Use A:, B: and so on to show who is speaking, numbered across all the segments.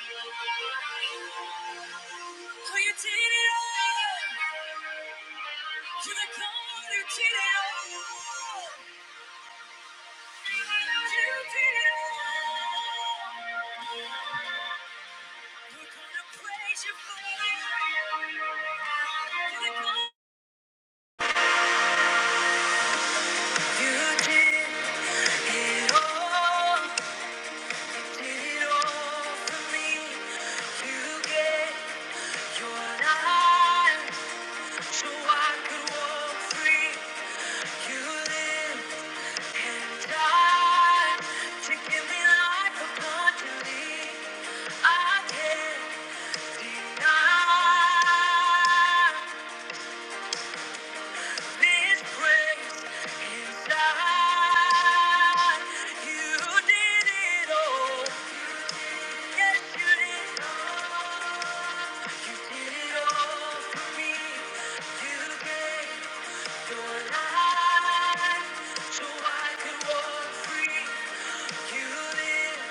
A: Oh, you did it all. You're the God who did it all. You did it all. We're gonna praise you for it. You're the God. You did it all. Did it all for me. You gave your life so I could walk free. You lived and died to give me life abundantly. I can't deny. His grace inside. You did it all. Yes, you did. You did it all for me. You gave your life so I could walk free. You live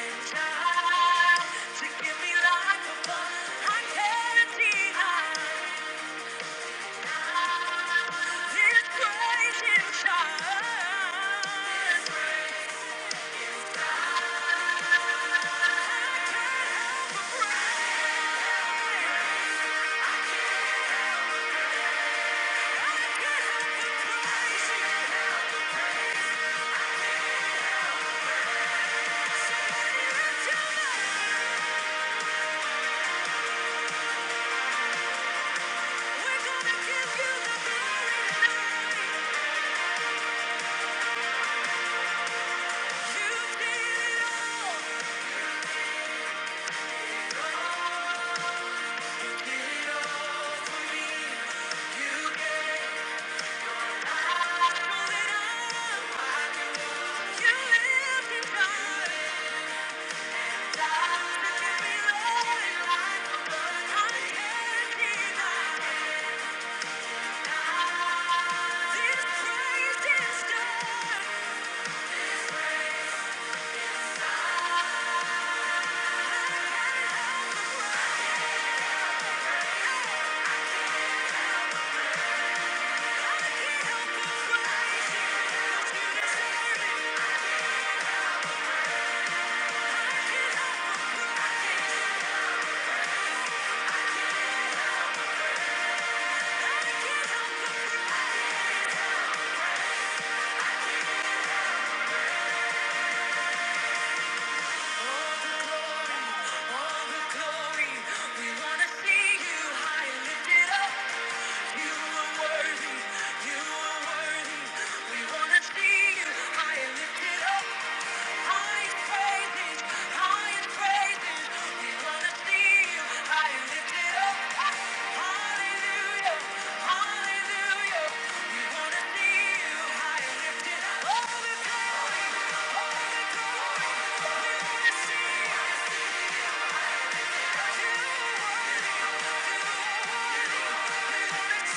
A: and die to give me life above. I can't deny. Yeah. All the glory, we wanna see you high and lifted up. see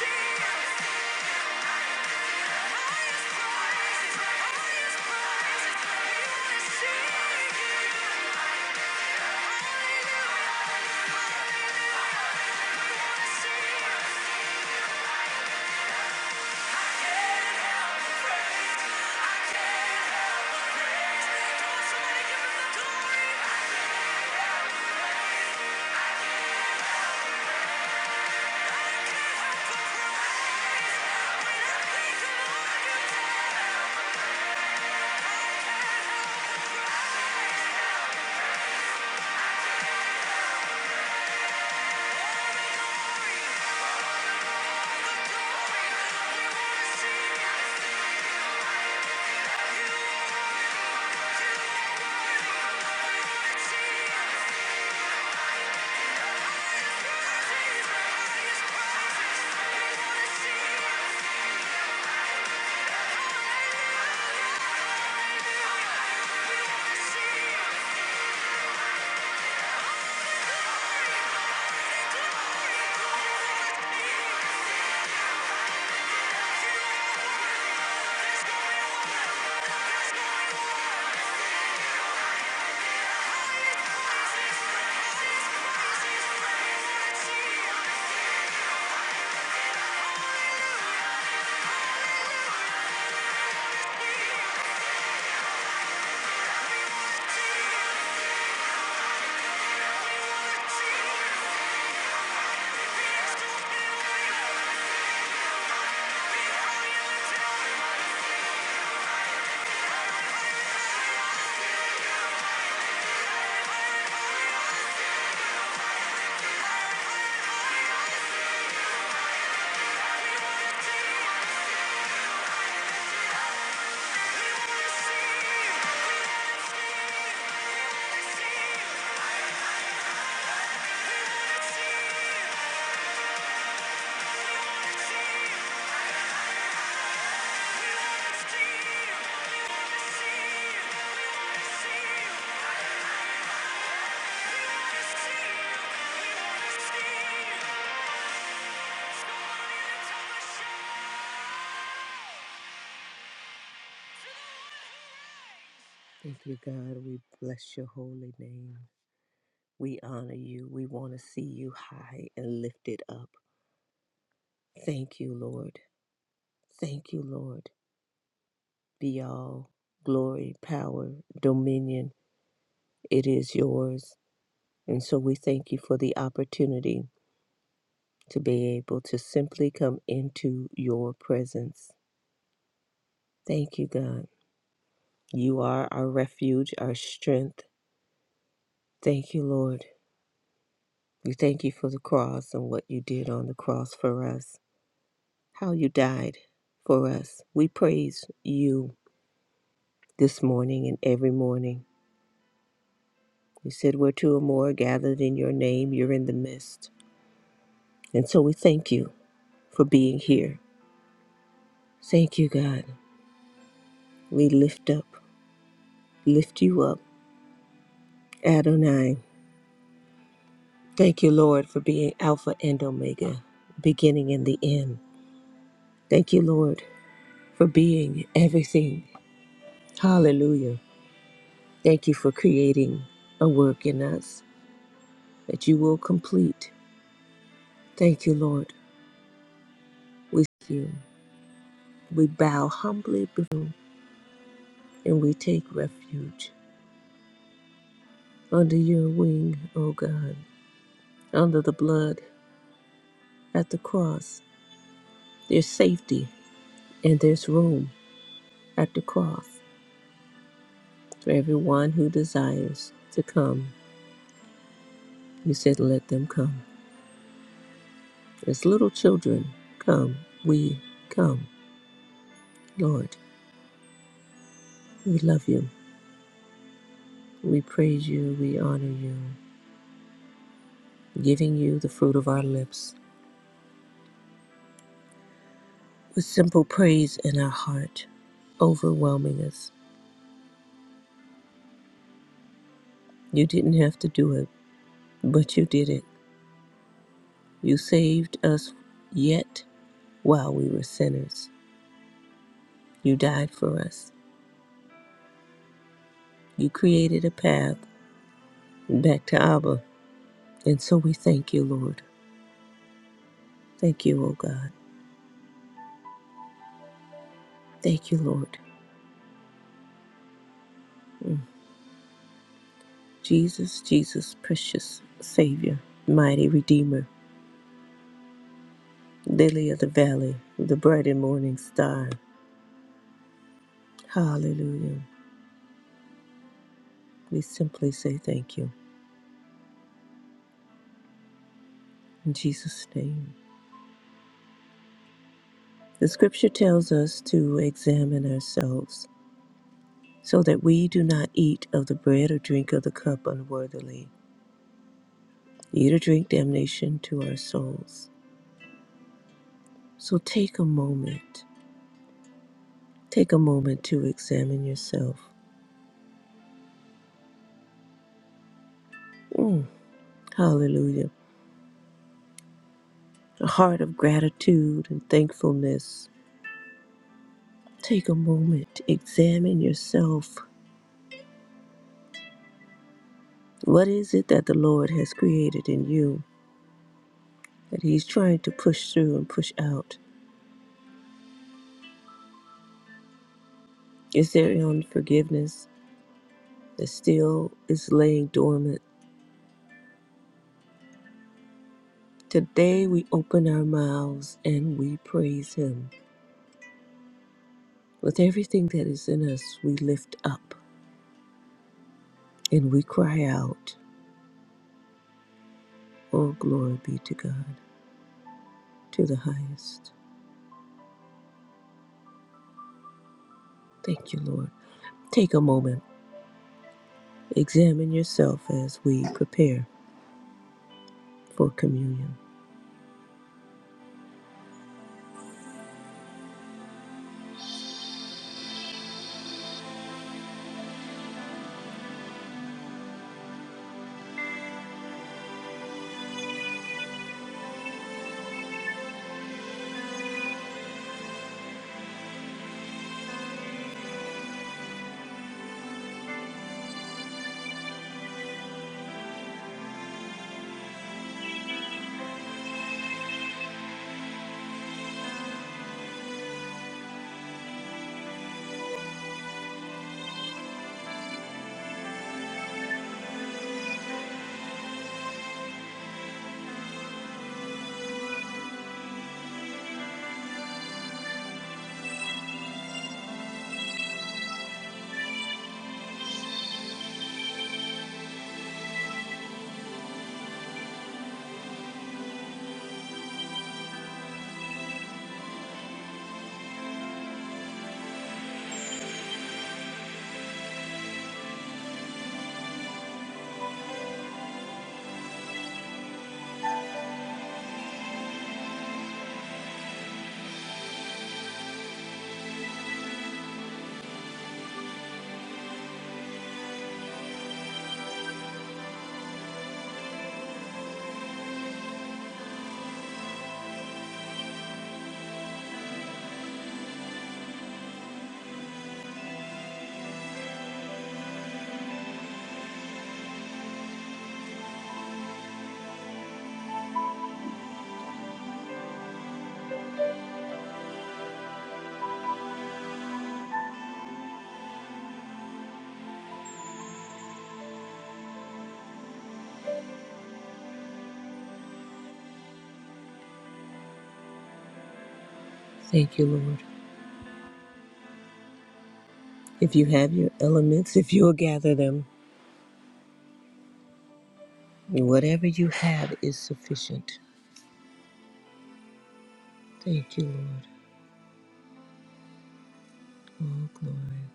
A: Hallelujah. Thank you, God. We bless your holy name. We honor you. We want to see you high and lifted up. Thank you, Lord. Thank you, Lord. Be all glory, power, dominion. It is yours. And so we thank you for the opportunity to be able to simply come into your presence. Thank you, God. You are our refuge, our strength. Thank you, Lord. We thank you for the cross and what you did on the cross for us. how you died for us. We praise you this morning and every morning. You said, Where two or more are gathered in your name, you're in the midst. And so we thank you for being here. Thank you, God. We lift up, lift you up, Adonai. Thank you, Lord, for being Alpha and Omega, beginning and the end. Thank you, Lord, for being everything. Hallelujah. Thank you for creating a work in us that you will complete. Thank you, Lord. We seek you. We bow humbly before you and we take refuge under your wing, O God, under the blood at the cross. There's safety and there's room at the cross for everyone who desires to come. You said, Let them come. As little children, come. We come. Lord, we love you. We praise you. We honor you, giving you the fruit of our lips. with simple praise in our heart overwhelming us. You didn't have to do it, but you did it. You saved us yet while we were sinners. You died for us. You created a path back to Abba. And so we thank you, Lord. Thank you, O God. Thank you, Lord. Mm. Jesus, Jesus, precious Savior, mighty Redeemer, Lily of the Valley, the bright and morning star. Hallelujah. We simply say thank you. In Jesus' name. The scripture tells us to examine ourselves so that we do not eat of the bread or drink of the cup unworthily, eat or drink damnation to our souls. So take a moment, take a moment to examine yourself. Mm, hallelujah. A heart of gratitude and thankfulness. Take a moment, examine yourself. What is it that the Lord has created in you that He's trying to push through and push out? Is there any unforgiveness that still is laying dormant? Today we open our mouths and we praise Him. With everything that is in us, we lift up and we cry out, Oh, glory be to God, to the highest. Thank you, Lord. Take a moment, examine yourself as we prepare for communion. Thank you, Lord. If you have your elements, if you'll gather them, whatever you have is sufficient. Thank you, Lord. Oh, glory.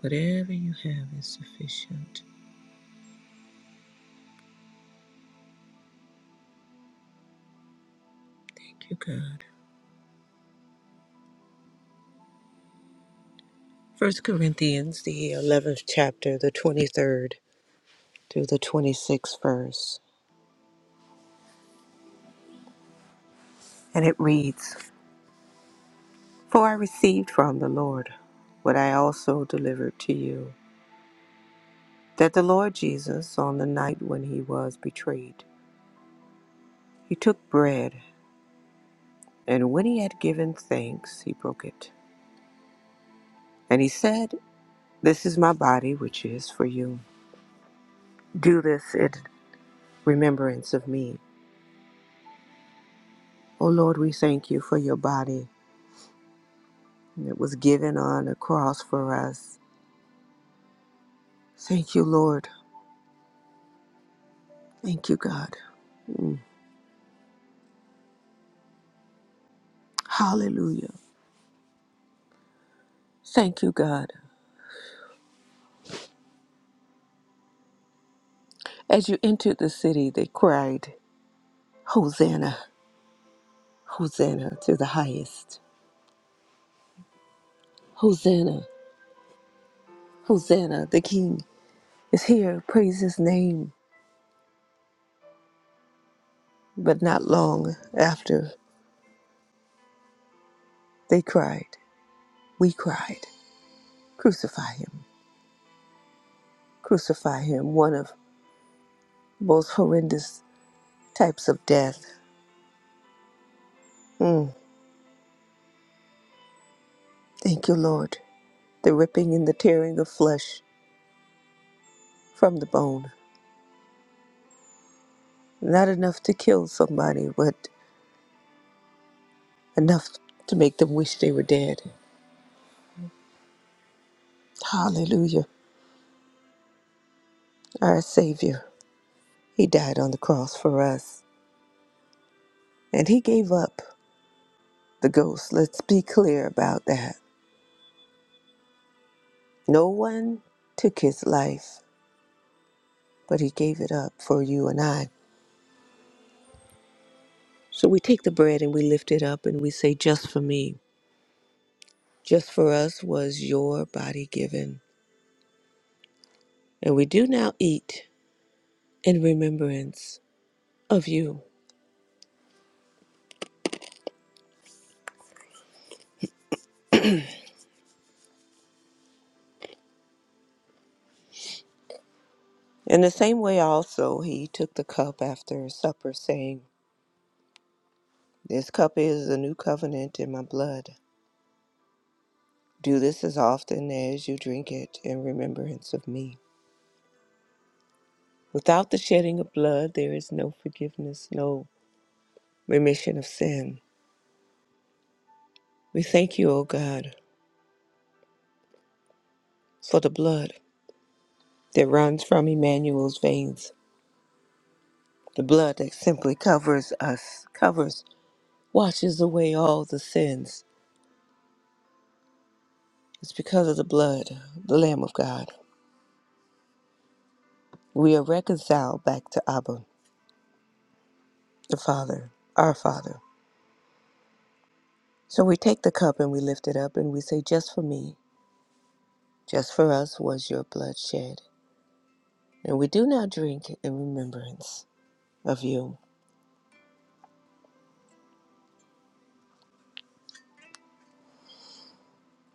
A: Whatever you have is sufficient. Thank you, God. First Corinthians, the 11th chapter, the 23rd through the 26th verse. And it reads For I received from the Lord what I also delivered to you that the Lord Jesus, on the night when he was betrayed, he took bread, and when he had given thanks, he broke it. And he said, This is my body, which is for you. Do this in remembrance of me. Oh Lord, we thank you for your body that was given on a cross for us. Thank you, Lord. Thank you, God. Mm. Hallelujah. Thank you, God. As you entered the city, they cried, Hosanna, Hosanna to the highest. Hosanna, Hosanna, the King is here. Praise his name. But not long after they cried, we cried, Crucify him, crucify him. One of the most horrendous types of death Mm. Thank you, Lord. The ripping and the tearing of flesh from the bone. Not enough to kill somebody, but enough to make them wish they were dead. Hallelujah. Our Savior, He died on the cross for us, and He gave up the ghost. Let's be clear about that. No one took His life, but He gave it up for you and I. So we take the bread and we lift it up and we say, Just for me. Just for us was your body given And we do now eat in remembrance of you. In the same way, also, he took the cup after supper, saying, This cup is the new covenant in my blood. Do this as often as you drink it in remembrance of me. Without the shedding of blood, there is no forgiveness, no remission of sin. We thank you, O God, for the blood that runs from Emmanuel's veins, the blood that simply covers us, covers, washes away all the sins It's because of the blood, the Lamb of God. We are reconciled back to Abba, the Father, our Father. So we take the cup and we lift it up and we say, Just for me, just for us was your blood shed. And we do now drink in remembrance of you.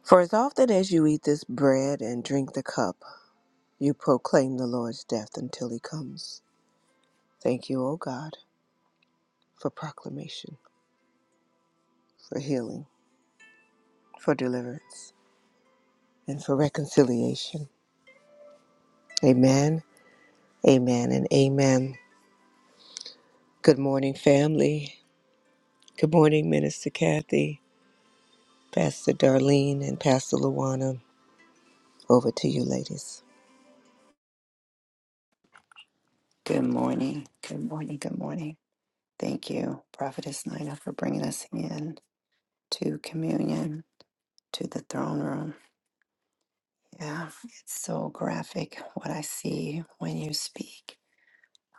A: For as often as you eat this bread and drink the cup, you proclaim the Lord's death until he comes. Thank you, O God, for proclamation, for healing, for deliverance, and for reconciliation. Amen Amen and amen. Good morning, family. Good morning, Minister Kathy, Pastor Darlene, and Pastor Luana. Over to you, ladies.
B: Good morning. Good morning. Good morning. Thank you, Prophetess Nina, for bringing us in to communion, to the throne room. Yeah, it's so graphic what I see when you speak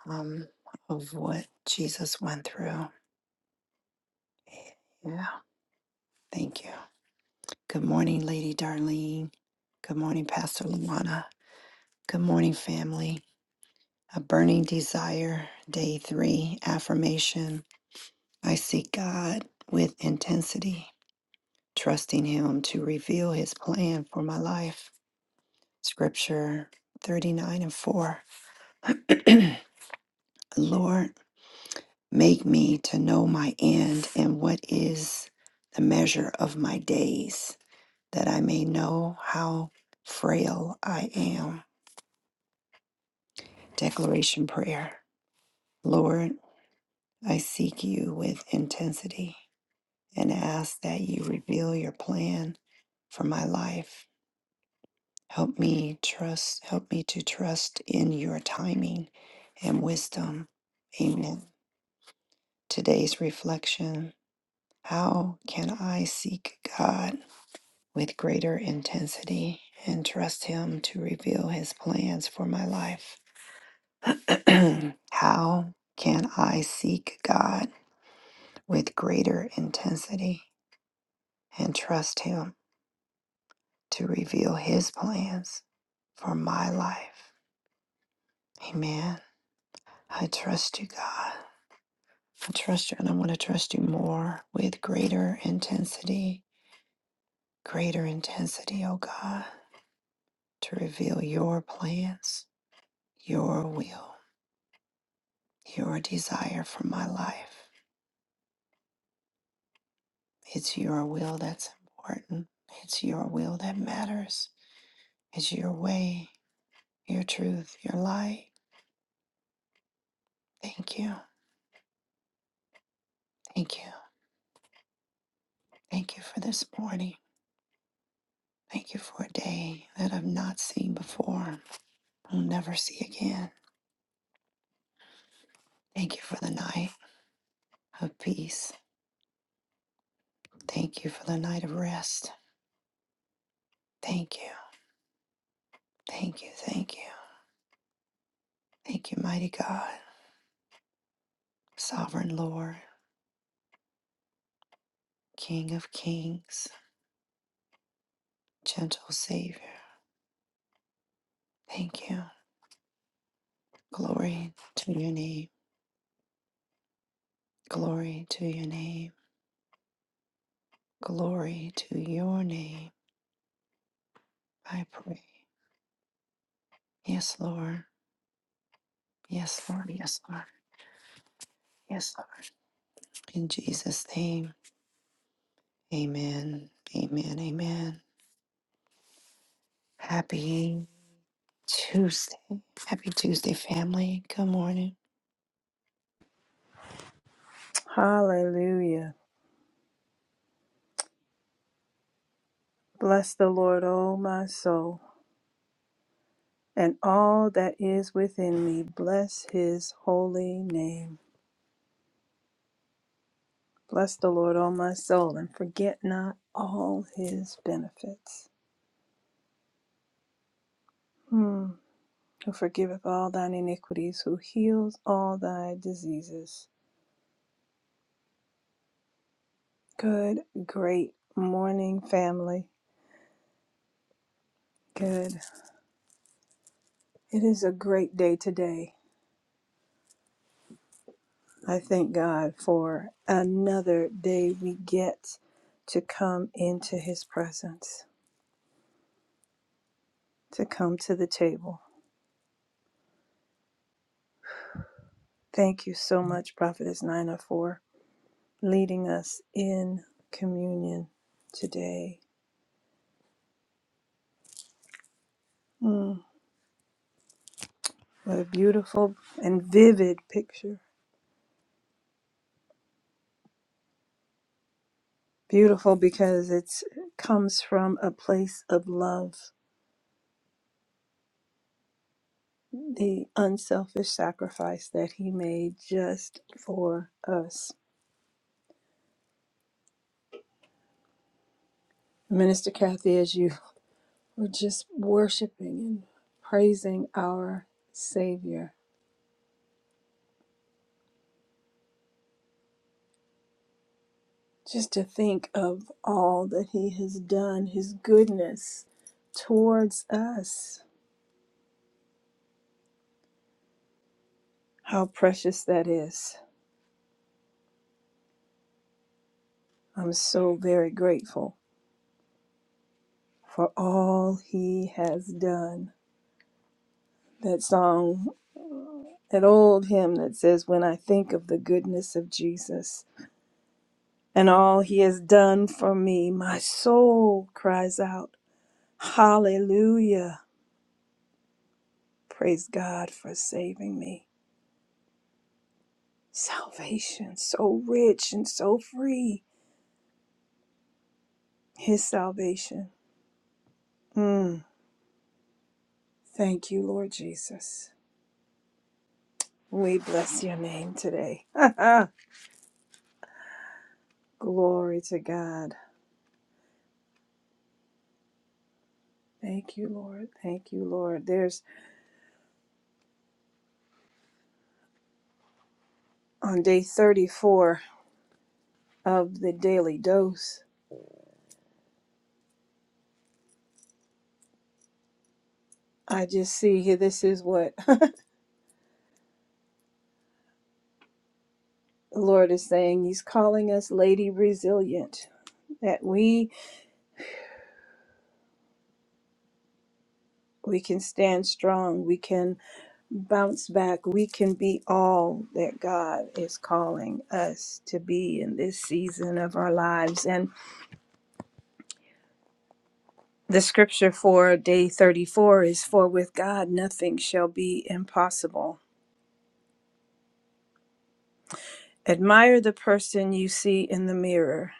B: um, of what Jesus went through. Yeah, thank you. Good morning, Lady Darlene. Good morning, Pastor Luana. Good morning, family. A burning desire, day three, affirmation. I seek God with intensity. trusting Him to reveal His plan for my life. Scripture 39 and 4. Lord, make me to know my end and what is the measure of my days, that I may know how frail I am. Declaration Prayer Lord, I seek you with intensity and ask that you reveal your plan for my life. Help me trust, help me to trust in your timing and wisdom. Amen. Today's reflection How can I seek God with greater intensity and trust Him to reveal His plans for my life? How can I seek God with greater intensity and trust Him to reveal His plans for my life? Amen. I trust you, God. I trust you and I want to trust you more with greater intensity, greater intensity, oh God, to reveal your plans, your will, your desire for my life. It's your will that's important. It's your will that matters. It's your way, your truth, your light. Thank you. Thank you. Thank you for this morning. Thank you for a day that I've not seen before. I'll never see again. Thank you for the night of peace. Thank you for the night of rest. Thank you. Thank you. Thank you. Thank you, mighty God, sovereign Lord, King of kings, gentle Savior. Thank you. Glory to your name. Glory to your name. Glory to your name. I pray. Yes, Lord. Yes, Lord. Yes, Lord. Yes, Lord. In Jesus' name. Amen. Amen. Amen. Happy Tuesday. Happy Tuesday, family. Good morning.
C: Hallelujah. Bless the Lord, O my soul, and all that is within me. Bless his holy name. Bless the Lord, O my soul, and forget not all his benefits. Hmm. Who forgiveth all thine iniquities, who heals all thy diseases. Good, great morning, family. Good. It is a great day today. I thank God for another day we get to come into His presence, to come to the table. Thank you so much, Prophetess Nina, for leading us in communion today. Mm, what a beautiful and vivid picture. Beautiful because it's, it comes from a place of love, the unselfish sacrifice that He made just for us. Minister Kathy, as you We're just worshiping and praising our Savior. Just to think of all that He has done, His goodness towards us, how precious that is. I'm so very grateful for all He has done. That song, that old hymn that says, When I think of the goodness of Jesus and all He has done for me, my soul cries out, Hallelujah. Praise God for saving me. Salvation, so rich and so free. His salvation. Mm. Thank you, Lord Jesus. We bless your name today. Glory to God. Thank you, Lord. Thank you, Lord. There's on day 34 of the daily dose. I just see here, this is what the Lord is saying. He's calling us Lady Resilient, that we we can stand strong. We can bounce back. We can be all that God is calling us to be in this season of our lives. And the scripture for day 34 is For with God nothing shall be impossible. Admire the person you see in the mirror.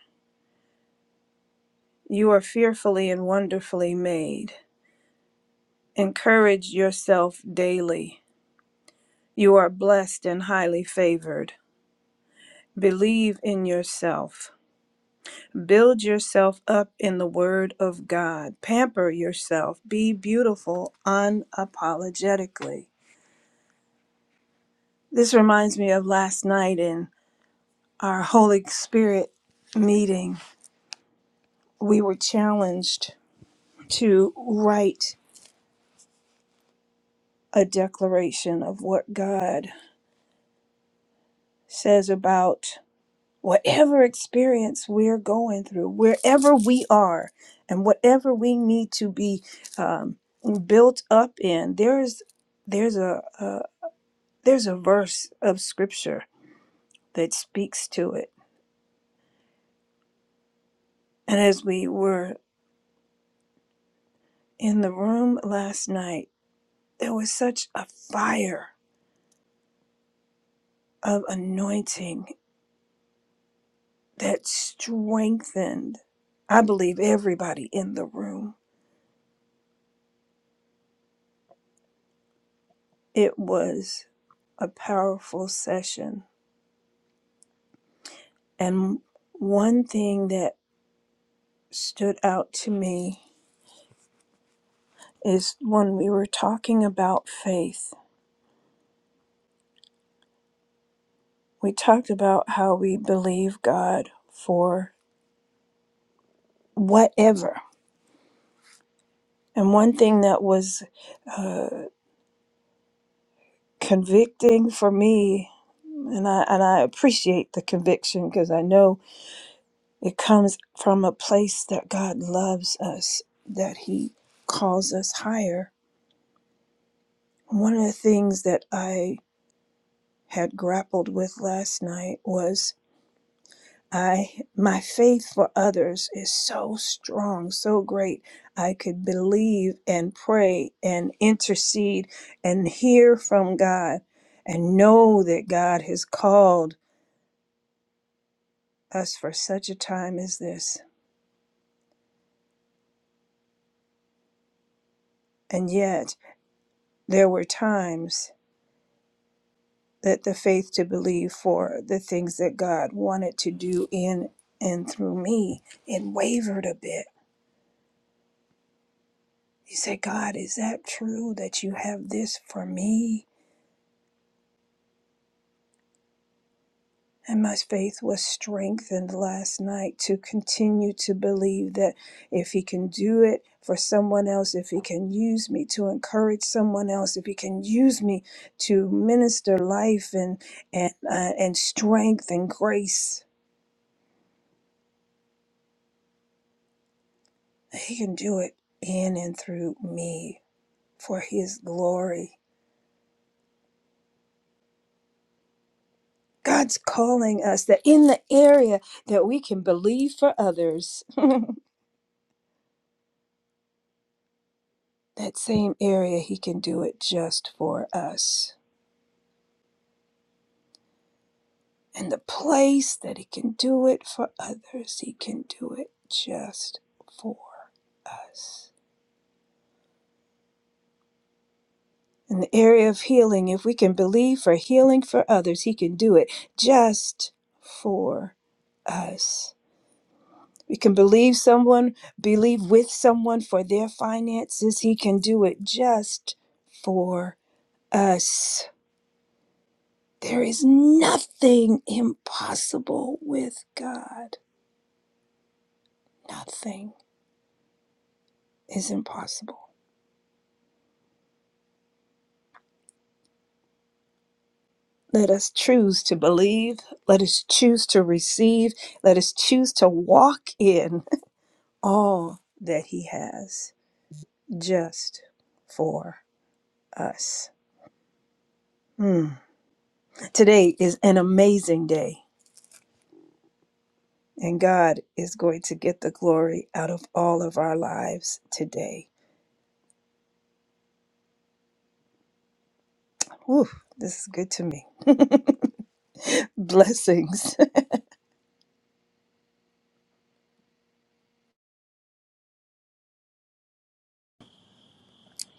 C: You are fearfully and wonderfully made. Encourage yourself daily. You are blessed and highly favored. Believe in yourself. Build yourself up in the Word of God. Pamper yourself. Be beautiful unapologetically. This reminds me of last night in our Holy Spirit meeting. We were challenged to write a declaration of what God says about. whatever experience we're going through, wherever we are, and whatever we need to be um, built up in, there's there's a, a there's a verse of scripture that speaks to it. And as we were in the room last night, there was such a fire of anointing that strengthened. I believe everybody in the room. It was a powerful session And one thing that stood out to me is when we were talking about faith, we talked about how we believe God for whatever. And one thing that was uh, convicting for me, and I, and I appreciate the conviction because I know it comes from a place that God loves us, that He calls us higher. One of the things that I had grappled with last night was I my faith for others is so strong, so great. I could believe and pray and intercede and hear from God and know that God has called us for such a time as this. And yet there were times that the faith to believe for the things that God wanted to do in and through me, it wavered a bit He said, God, is that true that you have this for me? And my faith was strengthened last night to continue to believe that if He can do it for someone else, if He can use me to encourage someone else, if He can use me to minister life and, and, uh, and strength and grace, He can do it in and through me for His glory. God's calling us that in the area that we can believe for others. that same area he can do it just for us and the place that he can do it for others he can do it just for us in the area of healing if we can believe for healing for others he can do it just for us we can believe someone believe with someone for their finances he can do it just for us There is nothing impossible with God. Nothing is impossible. Let us choose to believe. Let us choose to receive. Let us choose to walk in all that He has just for us. Mm. Today is an amazing day, and God is going to get the glory out of all of our lives today. Whew, this is good to me. Blessings.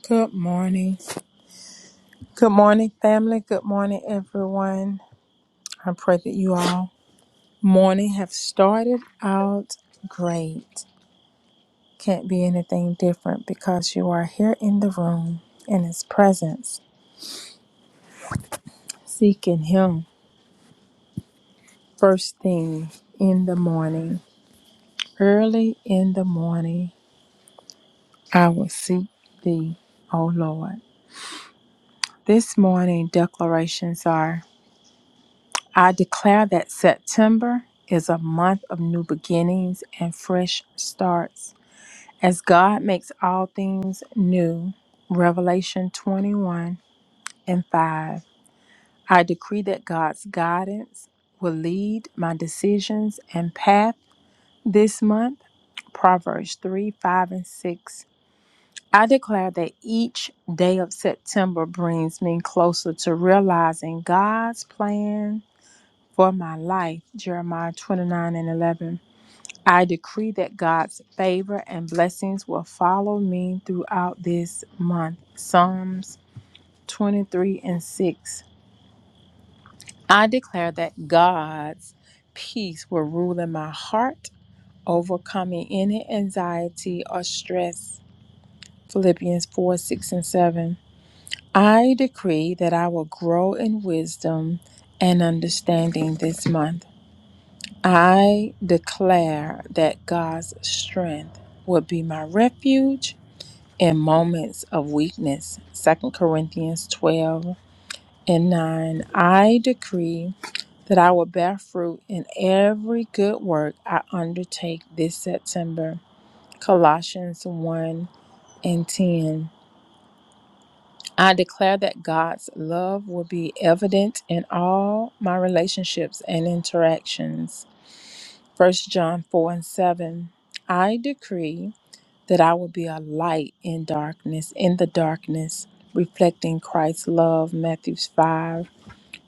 D: Good morning. Good morning, family. Good morning, everyone. I pray that you all morning have started out great. Can't be anything different because you are here in the room in his presence, seeking him first thing in the morning. Early in the morning, I will seek thee, O Lord. This morning declarations are I declare that September is a month of new beginnings and fresh starts. As God makes all things new, Revelation 21 and 5. I decree that God's guidance will lead my decisions and path this month. Proverbs 3 5 and 6. I declare that each day of September brings me closer to realizing God's plan for my life, Jeremiah 29 and 11. I decree that God's favor and blessings will follow me throughout this month, Psalms 23 and 6. I declare that God's peace will rule in my heart, overcoming any anxiety or stress, Philippians 4 6 and 7. I decree that I will grow in wisdom and understanding this month. I declare that God's strength will be my refuge in moments of weakness. Second Corinthians 12 and 9. I decree that I will bear fruit in every good work I undertake this September. Colossians 1 and 10. I declare that God's love will be evident in all my relationships and interactions. First John 4 and 7. I decree that I will be a light in darkness, in the darkness, reflecting Christ's love. Matthew 5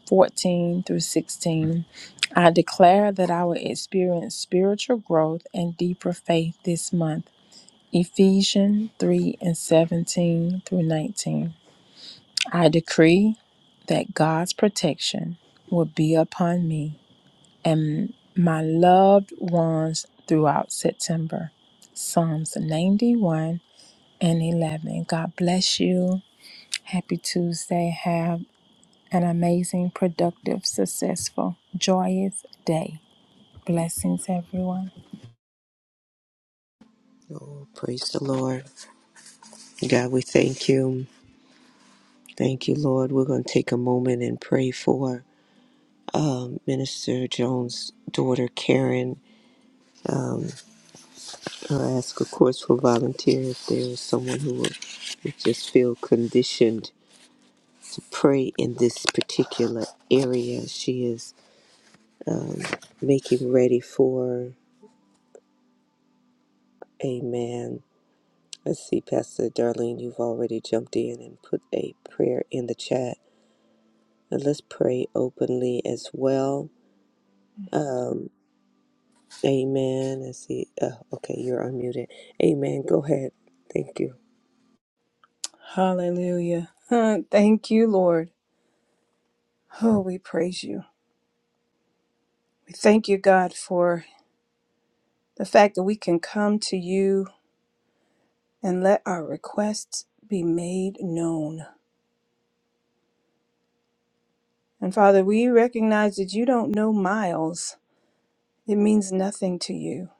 D: 14 through 16. I declare that I will experience spiritual growth and deeper faith this month. Ephesians 3 and 17 through 19. I decree that God's protection will be upon me and my loved ones throughout September. Psalms 91 and 11. God bless you. Happy Tuesday. Have an amazing, productive, successful, joyous day. Blessings, everyone.
A: Oh, praise the Lord. God, we thank you. Thank you, Lord. We're going to take a moment and pray for um, Minister Jones' daughter, Karen. Um, I'll ask, of course, for volunteers. if there is someone who will who just feel conditioned to pray in this particular area. She is making ready for. Amen. Let's see, Pastor Darlene, you've already jumped in and put a prayer in the chat. And let's pray openly as well. Um, amen. Let's see. Uh, okay, you're unmuted. Amen. Go ahead. Thank you.
C: Hallelujah. Huh, Thank you, Lord. Oh, we praise you. We thank you, God, for the fact that we can come to you and let our requests be made known. And Father, we recognize that you don't know miles, it means nothing to you.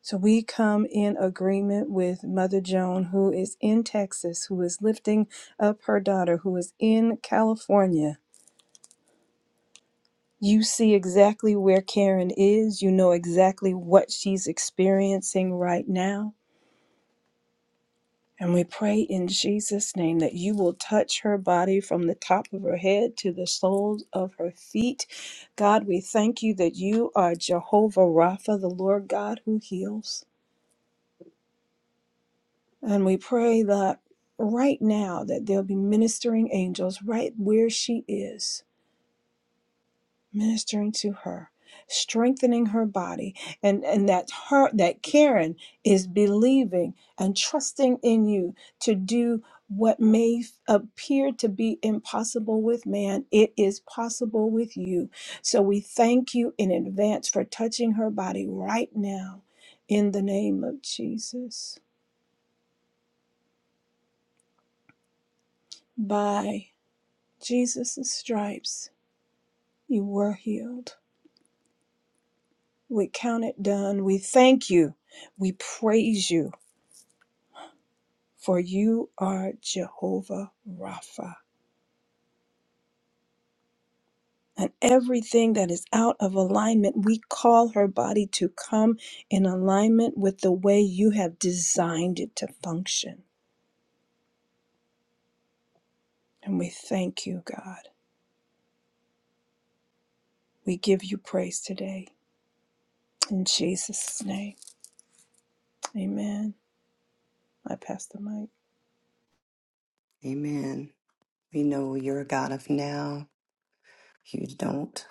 C: So we come in agreement with Mother Joan, who is in Texas, who is lifting up her daughter, who is in California You see exactly where Karen is. You know exactly what she's experiencing right now. And we pray in Jesus' name that you will touch her body from the top of her head to the soles of her feet. God, we thank you that you are Jehovah Rapha, the Lord God who heals. And we pray that right now that there'll be ministering angels right where she is ministering to her strengthening her body and and that her that karen is believing and trusting in you to do what may f- appear to be impossible with man it is possible with you so we thank you in advance for touching her body right now in the name of jesus by jesus' stripes you were healed we count it done we thank you we praise you for you are Jehovah Rapha. And everything that is out of alignment, we call her body to come in alignment with the way you have designed it to function. And we thank you, God. We give you praise today. In Jesus' name, amen. I pass the mic.
B: Amen. We know you're a God of now. You don't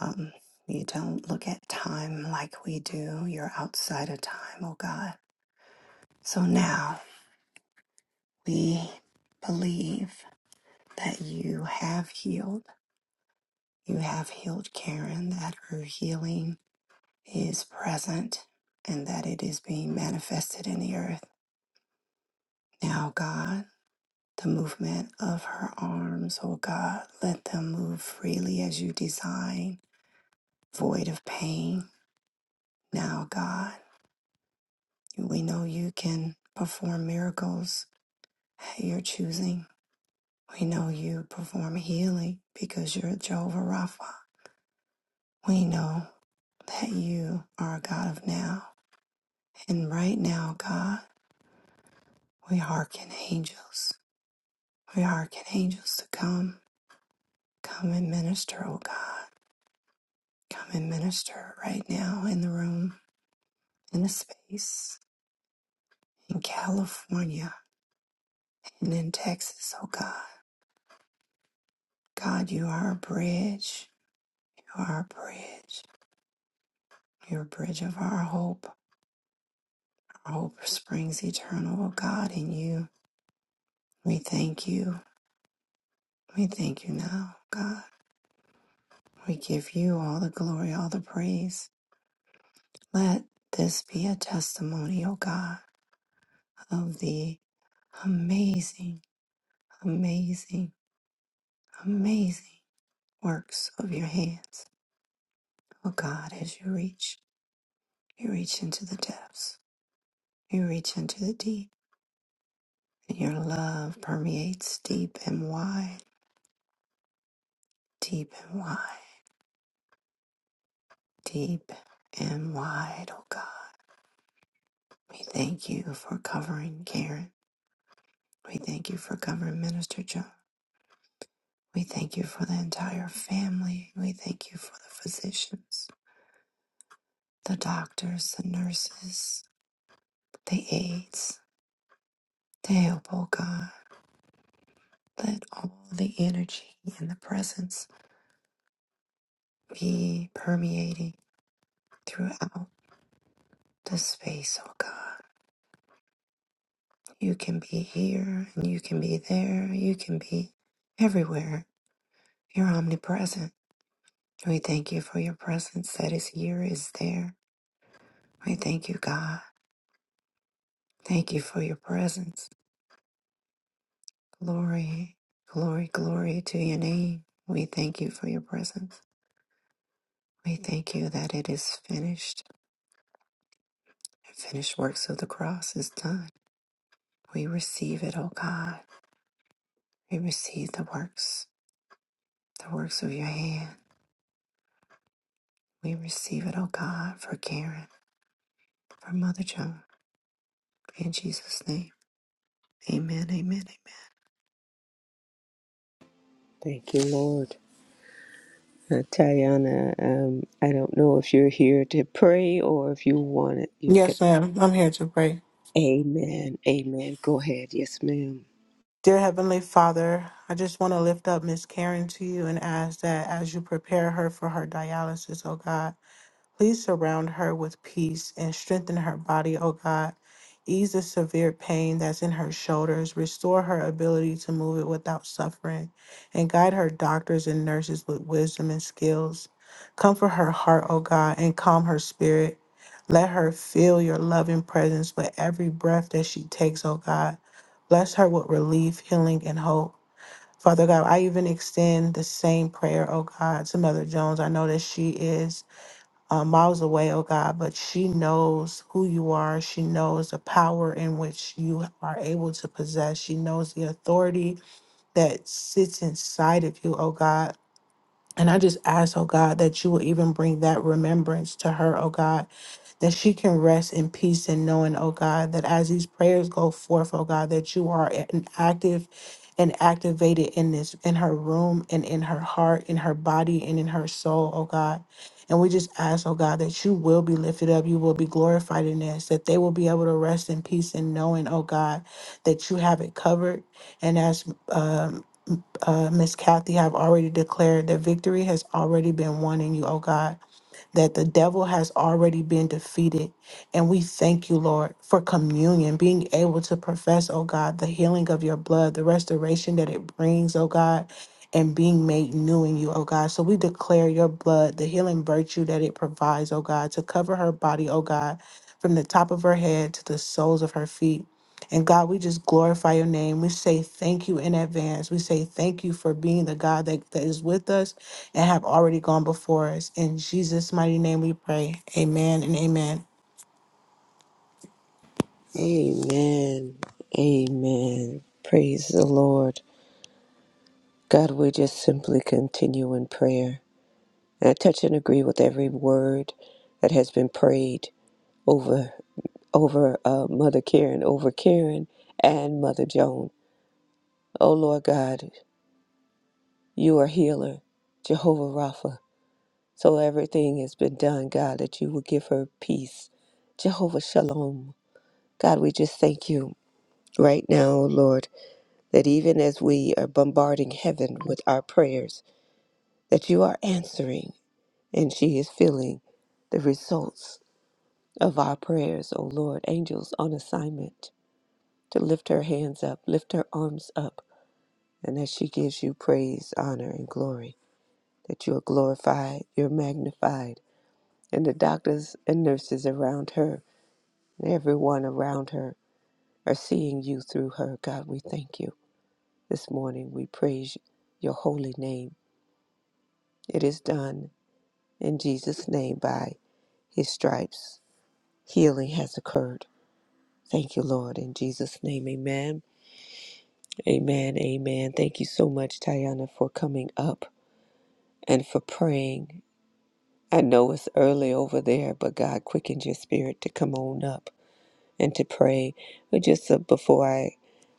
B: um, you don't look at time like we do. You're outside of time, oh God. So now we believe that you have healed. You have healed Karen, that her healing is present and that it is being manifested in the earth. Now, God, the movement of her arms, oh God, let them move freely as you design, void of pain Now, God, we know you can perform miracles at your choosing. We know you perform healing because you're Jehovah Rapha. We know that you are a God of now. And right now, God, we hearken angels. We hearken angels to come. Come and minister, oh God. Come and minister right now in the room, in the space, in California, and in Texas, oh God. God, you are a bridge. You are our bridge. You're a bridge of our hope. Our hope springs eternal, O God, in you. We thank you. We thank you now, God. We give you all the glory, all the praise. Let this be a testimony, O God, of the amazing, amazing, amazing works of your hands. O God, as you reach, you reach into the depths, you reach into the deep, and your love permeates deep and wide deep and wide, deep and wide, oh God. We thank you for covering Karen. We thank you for covering Minister John. We thank you for the entire family. We thank you for the physicians, the doctors, the nurses, the aides, the help, oh God. Let all the energy and the presence be permeating throughout the space, oh God. You can be here and you can be there. You can be everywhere You're omnipresent. We thank you for your presence that is here, is there. We thank you, God. Thank you for your presence. Glory, glory, glory to your name. We thank you for your presence. We thank you that it is finished. The finished works of the cross is done. We receive it, O God. We receive the works, the works of your hand. We receive it, O God, for Karen, for Mother Joan. In Jesus' name, amen, amen,
A: Thank you, Lord. Uh, Tayana, um, I don't know if you're here to pray or if you want it. You've got.
E: Yes, ma'am. I'm here to pray.
A: Amen. Amen. Go ahead. Yes, ma'am.
E: Dear Heavenly Father, I just want to lift up Miss Karen to you and ask that as you prepare her for her dialysis, oh God. Please surround her with peace and strengthen her body, O God. Ease the severe pain that's in her shoulders. Restore her ability to move it without suffering. And guide her doctors and nurses with wisdom and skills. Comfort her heart, O God, and calm her spirit. Let her feel your loving presence with every breath that she takes, O God. Bless her with relief, healing, and hope. Father God, I even extend the same prayer, O God, to Mother Jones. I know that she is uh, miles away, oh God, but she knows who you are. She knows the power in which you are able to possess. She knows the authority that sits inside of you, oh God. And I just ask, oh God, that you will even bring that remembrance to her, oh God, that she can rest in peace and knowing, oh God, that as these prayers go forth, oh God, that you are an active and activated in this, in her room and in her heart, in her body and in her soul, oh God. And we just ask, oh God, that you will be lifted up, you will be glorified in this, that they will be able to rest in peace and knowing, oh God, that you have it covered. And as um, uh, Miss Kathy have already declared that victory has already been won in you, oh God that the devil has already been defeated. And we thank you, Lord, for communion, being able to profess, oh God, the healing of your blood, the restoration that it brings, oh God, and being made new in you, oh God. So we declare your blood, the healing virtue that it provides, oh God, to cover her body, oh God, from the top of her head to the soles of her feet. And God, we just glorify your name. We say thank you in advance. We say thank you for being the God that, that is with us and have already gone before us. In Jesus' mighty name we pray. Amen and amen.
A: Amen. Amen. Praise the Lord. God, we just simply continue in prayer. And I touch and agree with every word that has been prayed over over uh, Mother Karen, over Karen and Mother Joan. Oh Lord God, you are healer, Jehovah Rapha. So everything has been done, God, that you will give her peace. Jehovah Shalom. God, we just thank you right now, oh Lord, that even as we are bombarding heaven with our prayers, that you are answering. and she is feeling the results of our prayers, O Lord. Angels on assignment to lift her hands up, lift her arms up, and that she gives you praise, honor, and glory, that you are glorified, you're magnified, and the doctors and nurses around her and everyone around her are seeing you through her. God, we thank you. This morning we praise your holy name. It is done in Jesus' name by his stripes. Healing has occurred. Thank you, Lord. In Jesus' name, amen. Amen. Amen. Thank you so much, Tayana, for coming up and for praying. I know it's early over there, but God quickened your spirit to come on up and to pray. But just uh, before I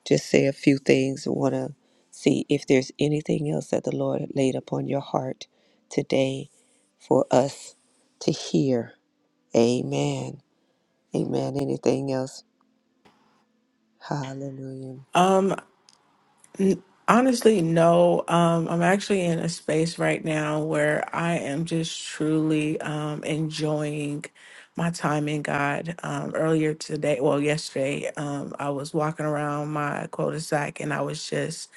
A: just say a few things, I want to see if there's anything else that the Lord laid upon your heart today for us to hear. Amen. Amen. Anything else? Hallelujah.
E: Um n- honestly, no. Um I'm actually in a space right now where I am just truly um enjoying my time in God. Um earlier today, well yesterday, um I was walking around my cul-de-sac and I was just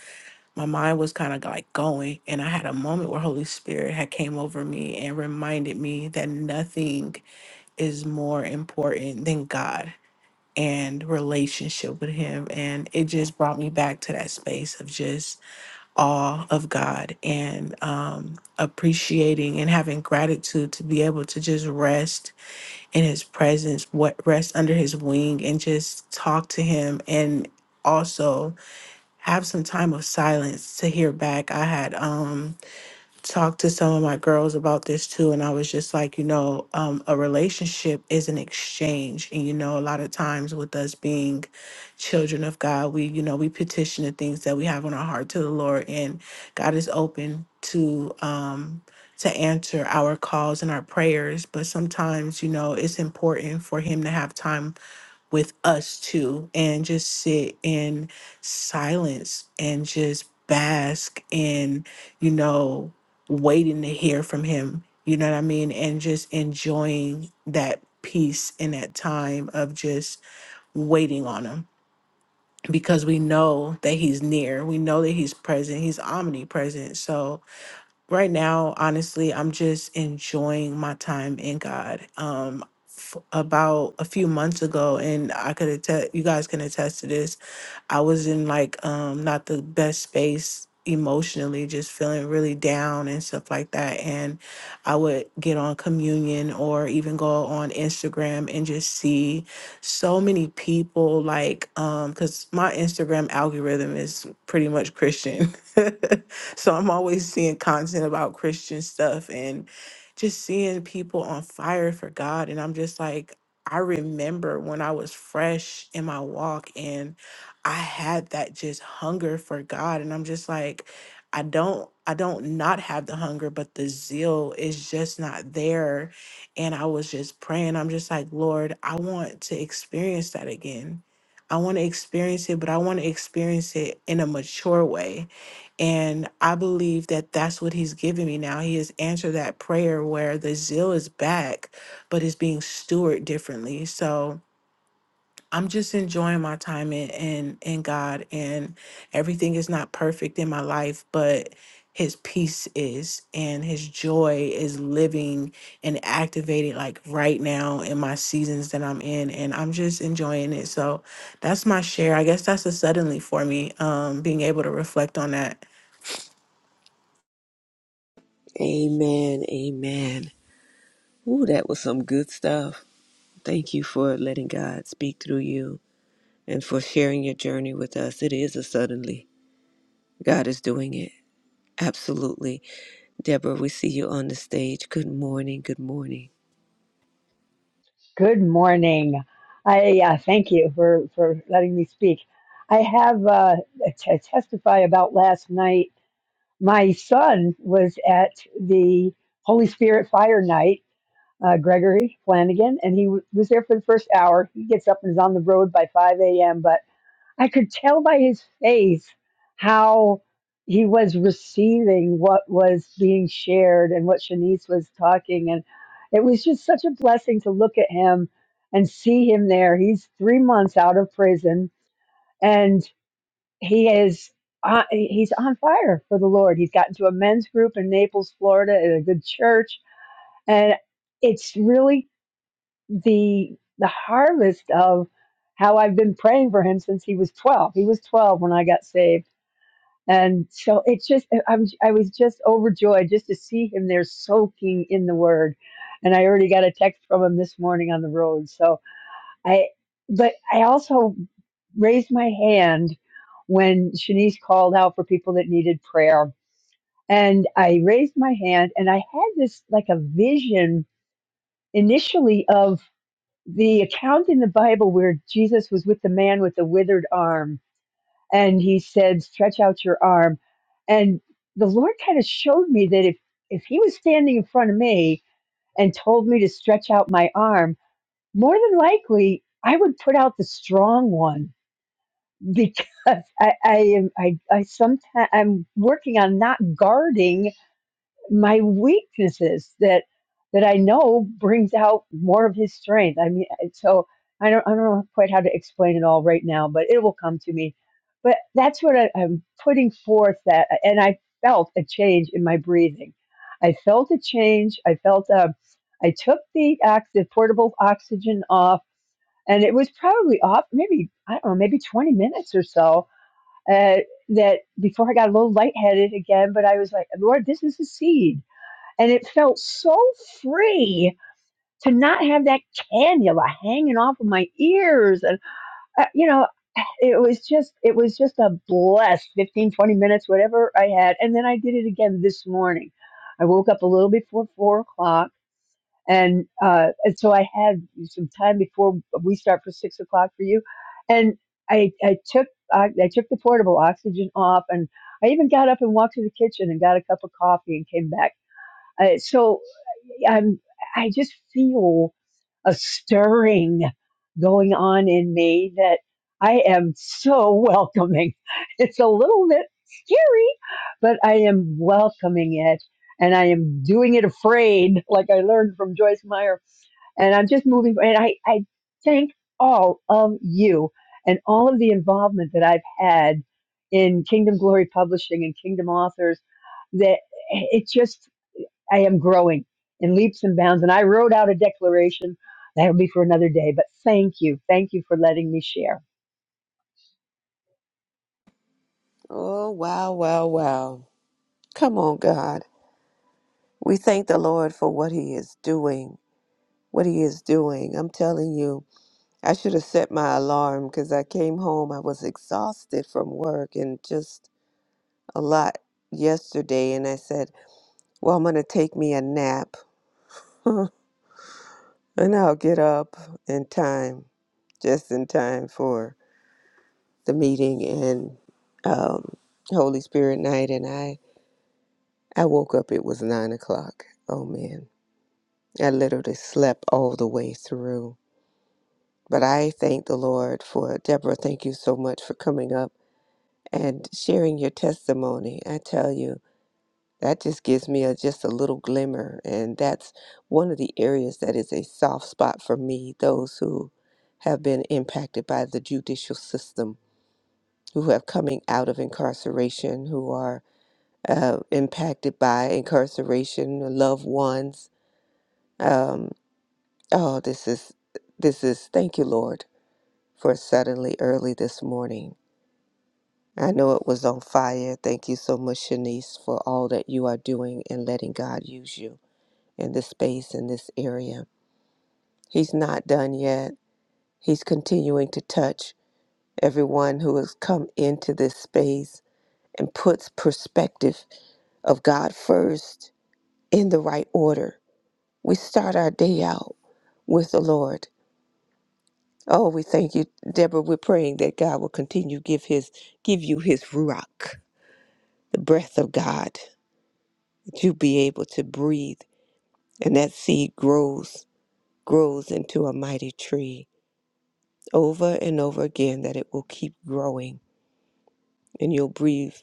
E: my mind was kind of like going and I had a moment where Holy Spirit had came over me and reminded me that nothing is more important than God and relationship with Him. And it just brought me back to that space of just awe of God and um, appreciating and having gratitude to be able to just rest in His presence, what rest under His wing, and just talk to Him and also have some time of silence to hear back. I had um talked to some of my girls about this too and i was just like you know um, a relationship is an exchange and you know a lot of times with us being children of god we you know we petition the things that we have on our heart to the lord and god is open to um to answer our calls and our prayers but sometimes you know it's important for him to have time with us too and just sit in silence and just bask in, you know, waiting to hear from him. You know what I mean? And just enjoying that peace and that time of just waiting on him because we know that he's near. We know that he's present. He's omnipresent. So, right now, honestly, I'm just enjoying my time in God. Um, f- about a few months ago, and I could attest, you guys can attest to this. I was in like um not the best space emotionally, just feeling really down and stuff like that. And I would get on communion or even go on Instagram and just see so many people like um because my Instagram algorithm is pretty much Christian. so I'm always seeing content about Christian stuff and just seeing people on fire for God. And I'm just like, I remember when I was fresh in my walk and. I had that just hunger for God and I'm just like I don't I don't not have the hunger but the zeal is just not there and I was just praying I'm just like Lord I want to experience that again. I want to experience it but I want to experience it in a mature way and I believe that that's what he's giving me now. He has answered that prayer where the zeal is back but it's being stewarded differently. So I'm just enjoying my time in, in in God and everything is not perfect in my life, but his peace is and his joy is living and activated like right now in my seasons that I'm in and I'm just enjoying it. So that's my share. I guess that's a suddenly for me, um, being able to reflect on that.
A: Amen. Amen. Ooh, that was some good stuff. Thank you for letting God speak through you and for sharing your journey with us. It is a suddenly. God is doing it. Absolutely. Deborah, we see you on the stage. Good morning. Good morning.
F: Good morning. I uh, thank you for, for letting me speak. I have uh, to testify about last night. My son was at the Holy Spirit Fire Night, uh, Gregory Flanagan, and he w- was there for the first hour. He gets up and is on the road by 5 a.m., But I could tell by his face how he was receiving what was being shared and what Shanice was talking. And it was just such a blessing to look at him and see him there. He's three months out of prison and he is. Uh, he's on fire for the Lord. He's gotten to a men's group in Naples, Florida, at a good church, and it's really the the harvest of how I've been praying for him since he was 12. He was 12 when I got saved. And so it's just I'm I was just overjoyed just to see him there soaking in the word. And I already got a text from him this morning on the road. So I but I also raised my hand when Shanice called out for people that needed prayer. And I raised my hand and I had this like a vision initially of the account in the Bible where Jesus was with the man with the withered arm and he said, Stretch out your arm. And the Lord kind of showed me that if, if he was standing in front of me and told me to stretch out my arm, more than likely I would put out the strong one because I, I am I, I sometimes I'm working on not guarding my weaknesses that that I know brings out more of his strength. I mean, and so I don't I don't know quite how to explain it all right now, but it will come to me. But that's what I, I'm putting forth that, and I felt a change in my breathing. I felt a change. I felt um, I took the ox- the portable oxygen off, and it was probably off maybe I don't know maybe 20 minutes or so. Uh, that before I got a little lightheaded again, but I was like, Lord, this is a seed and it felt so free to not have that cannula hanging off of my ears. And, uh, you know, it was just, it was just a blessed 15 20 minutes, whatever I had. And then I did it again this morning. I woke up a little before four o'clock. And, uh, and so I had some time before we start for six o'clock for you. And I, I took, I, I took the portable oxygen off and I even got up and walked to the kitchen and got a cup of coffee and came back uh, so I'm, I just feel a stirring going on in me that I am so welcoming. It's a little bit scary, but I am welcoming it and I am doing it afraid, like I learned from Joyce Meyer. And I'm just moving. And I, I thank all of you and all of the involvement that I've had in Kingdom Glory Publishing and Kingdom Authors. That eh, it just I am growing in leaps and bounds. And I wrote out a declaration that'll be for another day. But thank you. Thank you for letting me share.
A: Oh, wow, wow, wow. Come on, God. We thank the Lord for what He is doing. What He is doing. I'm telling you, I should have set my alarm because I came home. I was exhausted from work and just a lot yesterday. And I said, Well, I'm going to take me a nap and I'll get up in time, just in time for the meeting and um, Holy Spirit night. And I, I woke up, it was nine o'clock. Oh man, I literally slept all the way through. But I thank the Lord for Deborah. Thank you so much for coming up and sharing your testimony. I tell you. that just gives me a, just a little glimmer and that's one of the areas that is a soft spot for me those who have been impacted by the judicial system who have coming out of incarceration who are uh, impacted by incarceration loved ones um, oh this is this is thank you lord for suddenly early this morning i know it was on fire thank you so much shanice for all that you are doing and letting god use you in this space, in this area. He's not done yet. He's continuing to touch everyone who has come into this space and puts perspective of God first in the right order. We start our day out with the Lord. Oh, we thank you, Deborah. We're praying that God will continue to give his give you his ruach, the breath of God, that you be able to breathe and that seed grows, grows into a mighty tree over and over again that it will keep growing and you'll breathe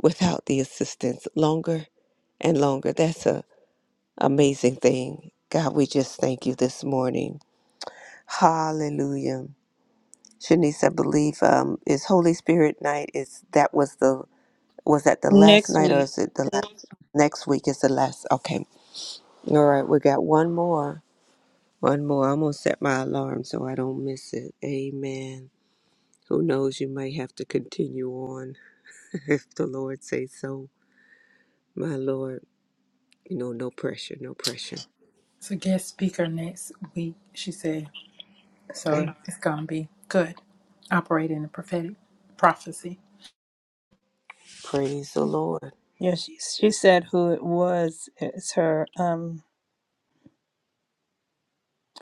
A: without the assistance longer and longer. That's a amazing thing. God, we just thank you this morning. Hallelujah. Shanice, I believe um, is Holy Spirit night. Is that was the was that the last
C: Next
A: night or
C: week.
A: is it the last next week is the last okay. All right, we got one more. One more. I'm gonna set my alarm so I don't miss it. Amen. Who knows you might have to continue on. if the Lord says so. My Lord, you know, no pressure, no pressure.
D: She said, so
A: Amen.
D: it's going to be good. Operate in the prophetic prophecy.
A: Praise the Lord.
C: Yeah, she she said who it was. It's her um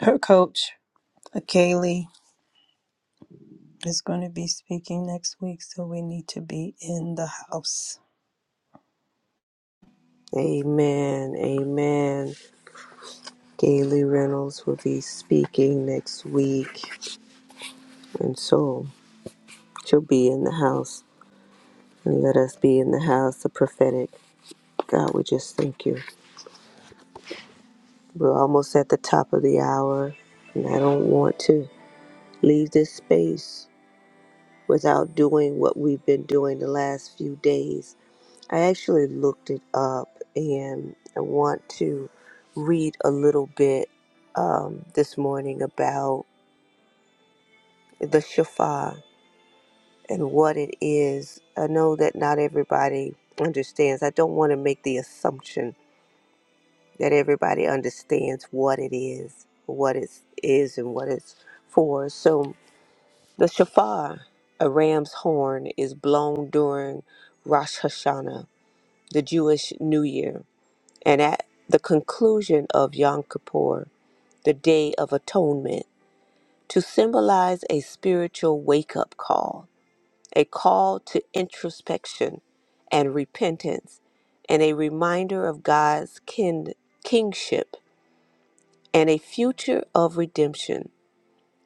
C: her coach, Kaylee. is going to be speaking next week, so we need to be in the house.
A: Amen. Amen. Gaily Reynolds will be speaking next week. And so she'll be in the house. And let us be in the house, the prophetic. God, we just thank you. We're almost at the top of the hour. And I don't want to leave this space without doing what we've been doing the last few days I actually looked it up and I want to read a little bit um, this morning about the shofar and what it is. I know that not everybody understands. I don't want to make the assumption that everybody understands what it is, what it is, and what it's for. So, the shofar, a ram's horn, is blown during Rosh Hashanah, the Jewish New Year and at the conclusion of Yom Kippur, the Day of Atonement, to symbolize a spiritual wake up call, a call to introspection and repentance, and a reminder of God's kin- kingship and a future of redemption.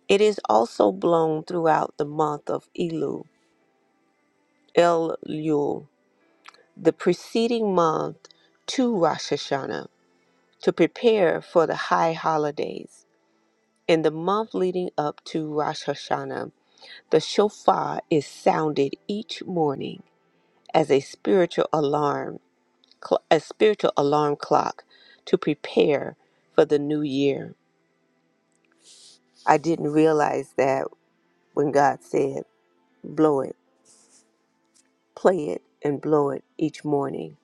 A: It is also blown throughout the month of Elul, Elul, the preceding month to Rosh Hashanah, to prepare for the high holidays. In the month leading up to Rosh Hashanah, the shofar is sounded each morning as a spiritual alarm, cl- a spiritual alarm clock to prepare for the new year. I didn't realize that when God said, blow it, play it, and blow it each morning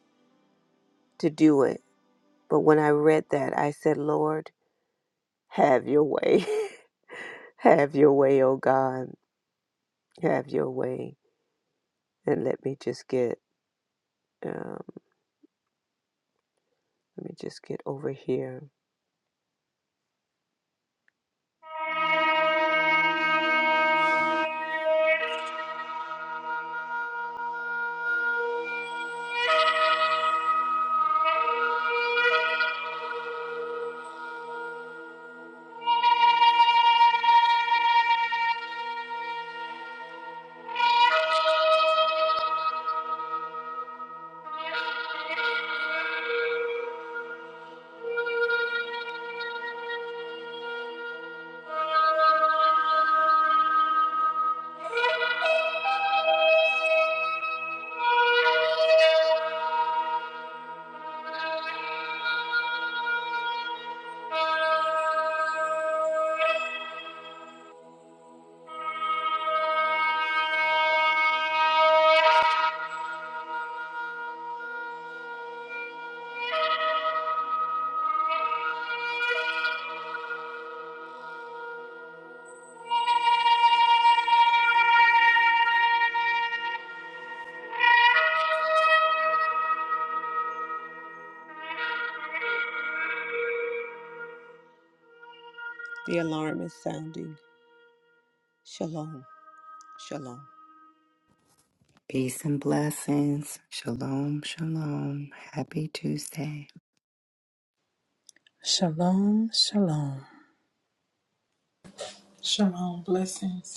A: to do it. But when I read that, I said, Lord, have your way. have your way, oh God. Have your way. And let me just get. um, Let me just get over here. Thank you. The alarm is sounding. Shalom. Shalom.
B: Peace and blessings. Shalom, shalom. Happy Tuesday.
C: Shalom, shalom.
D: Shalom. Blessings.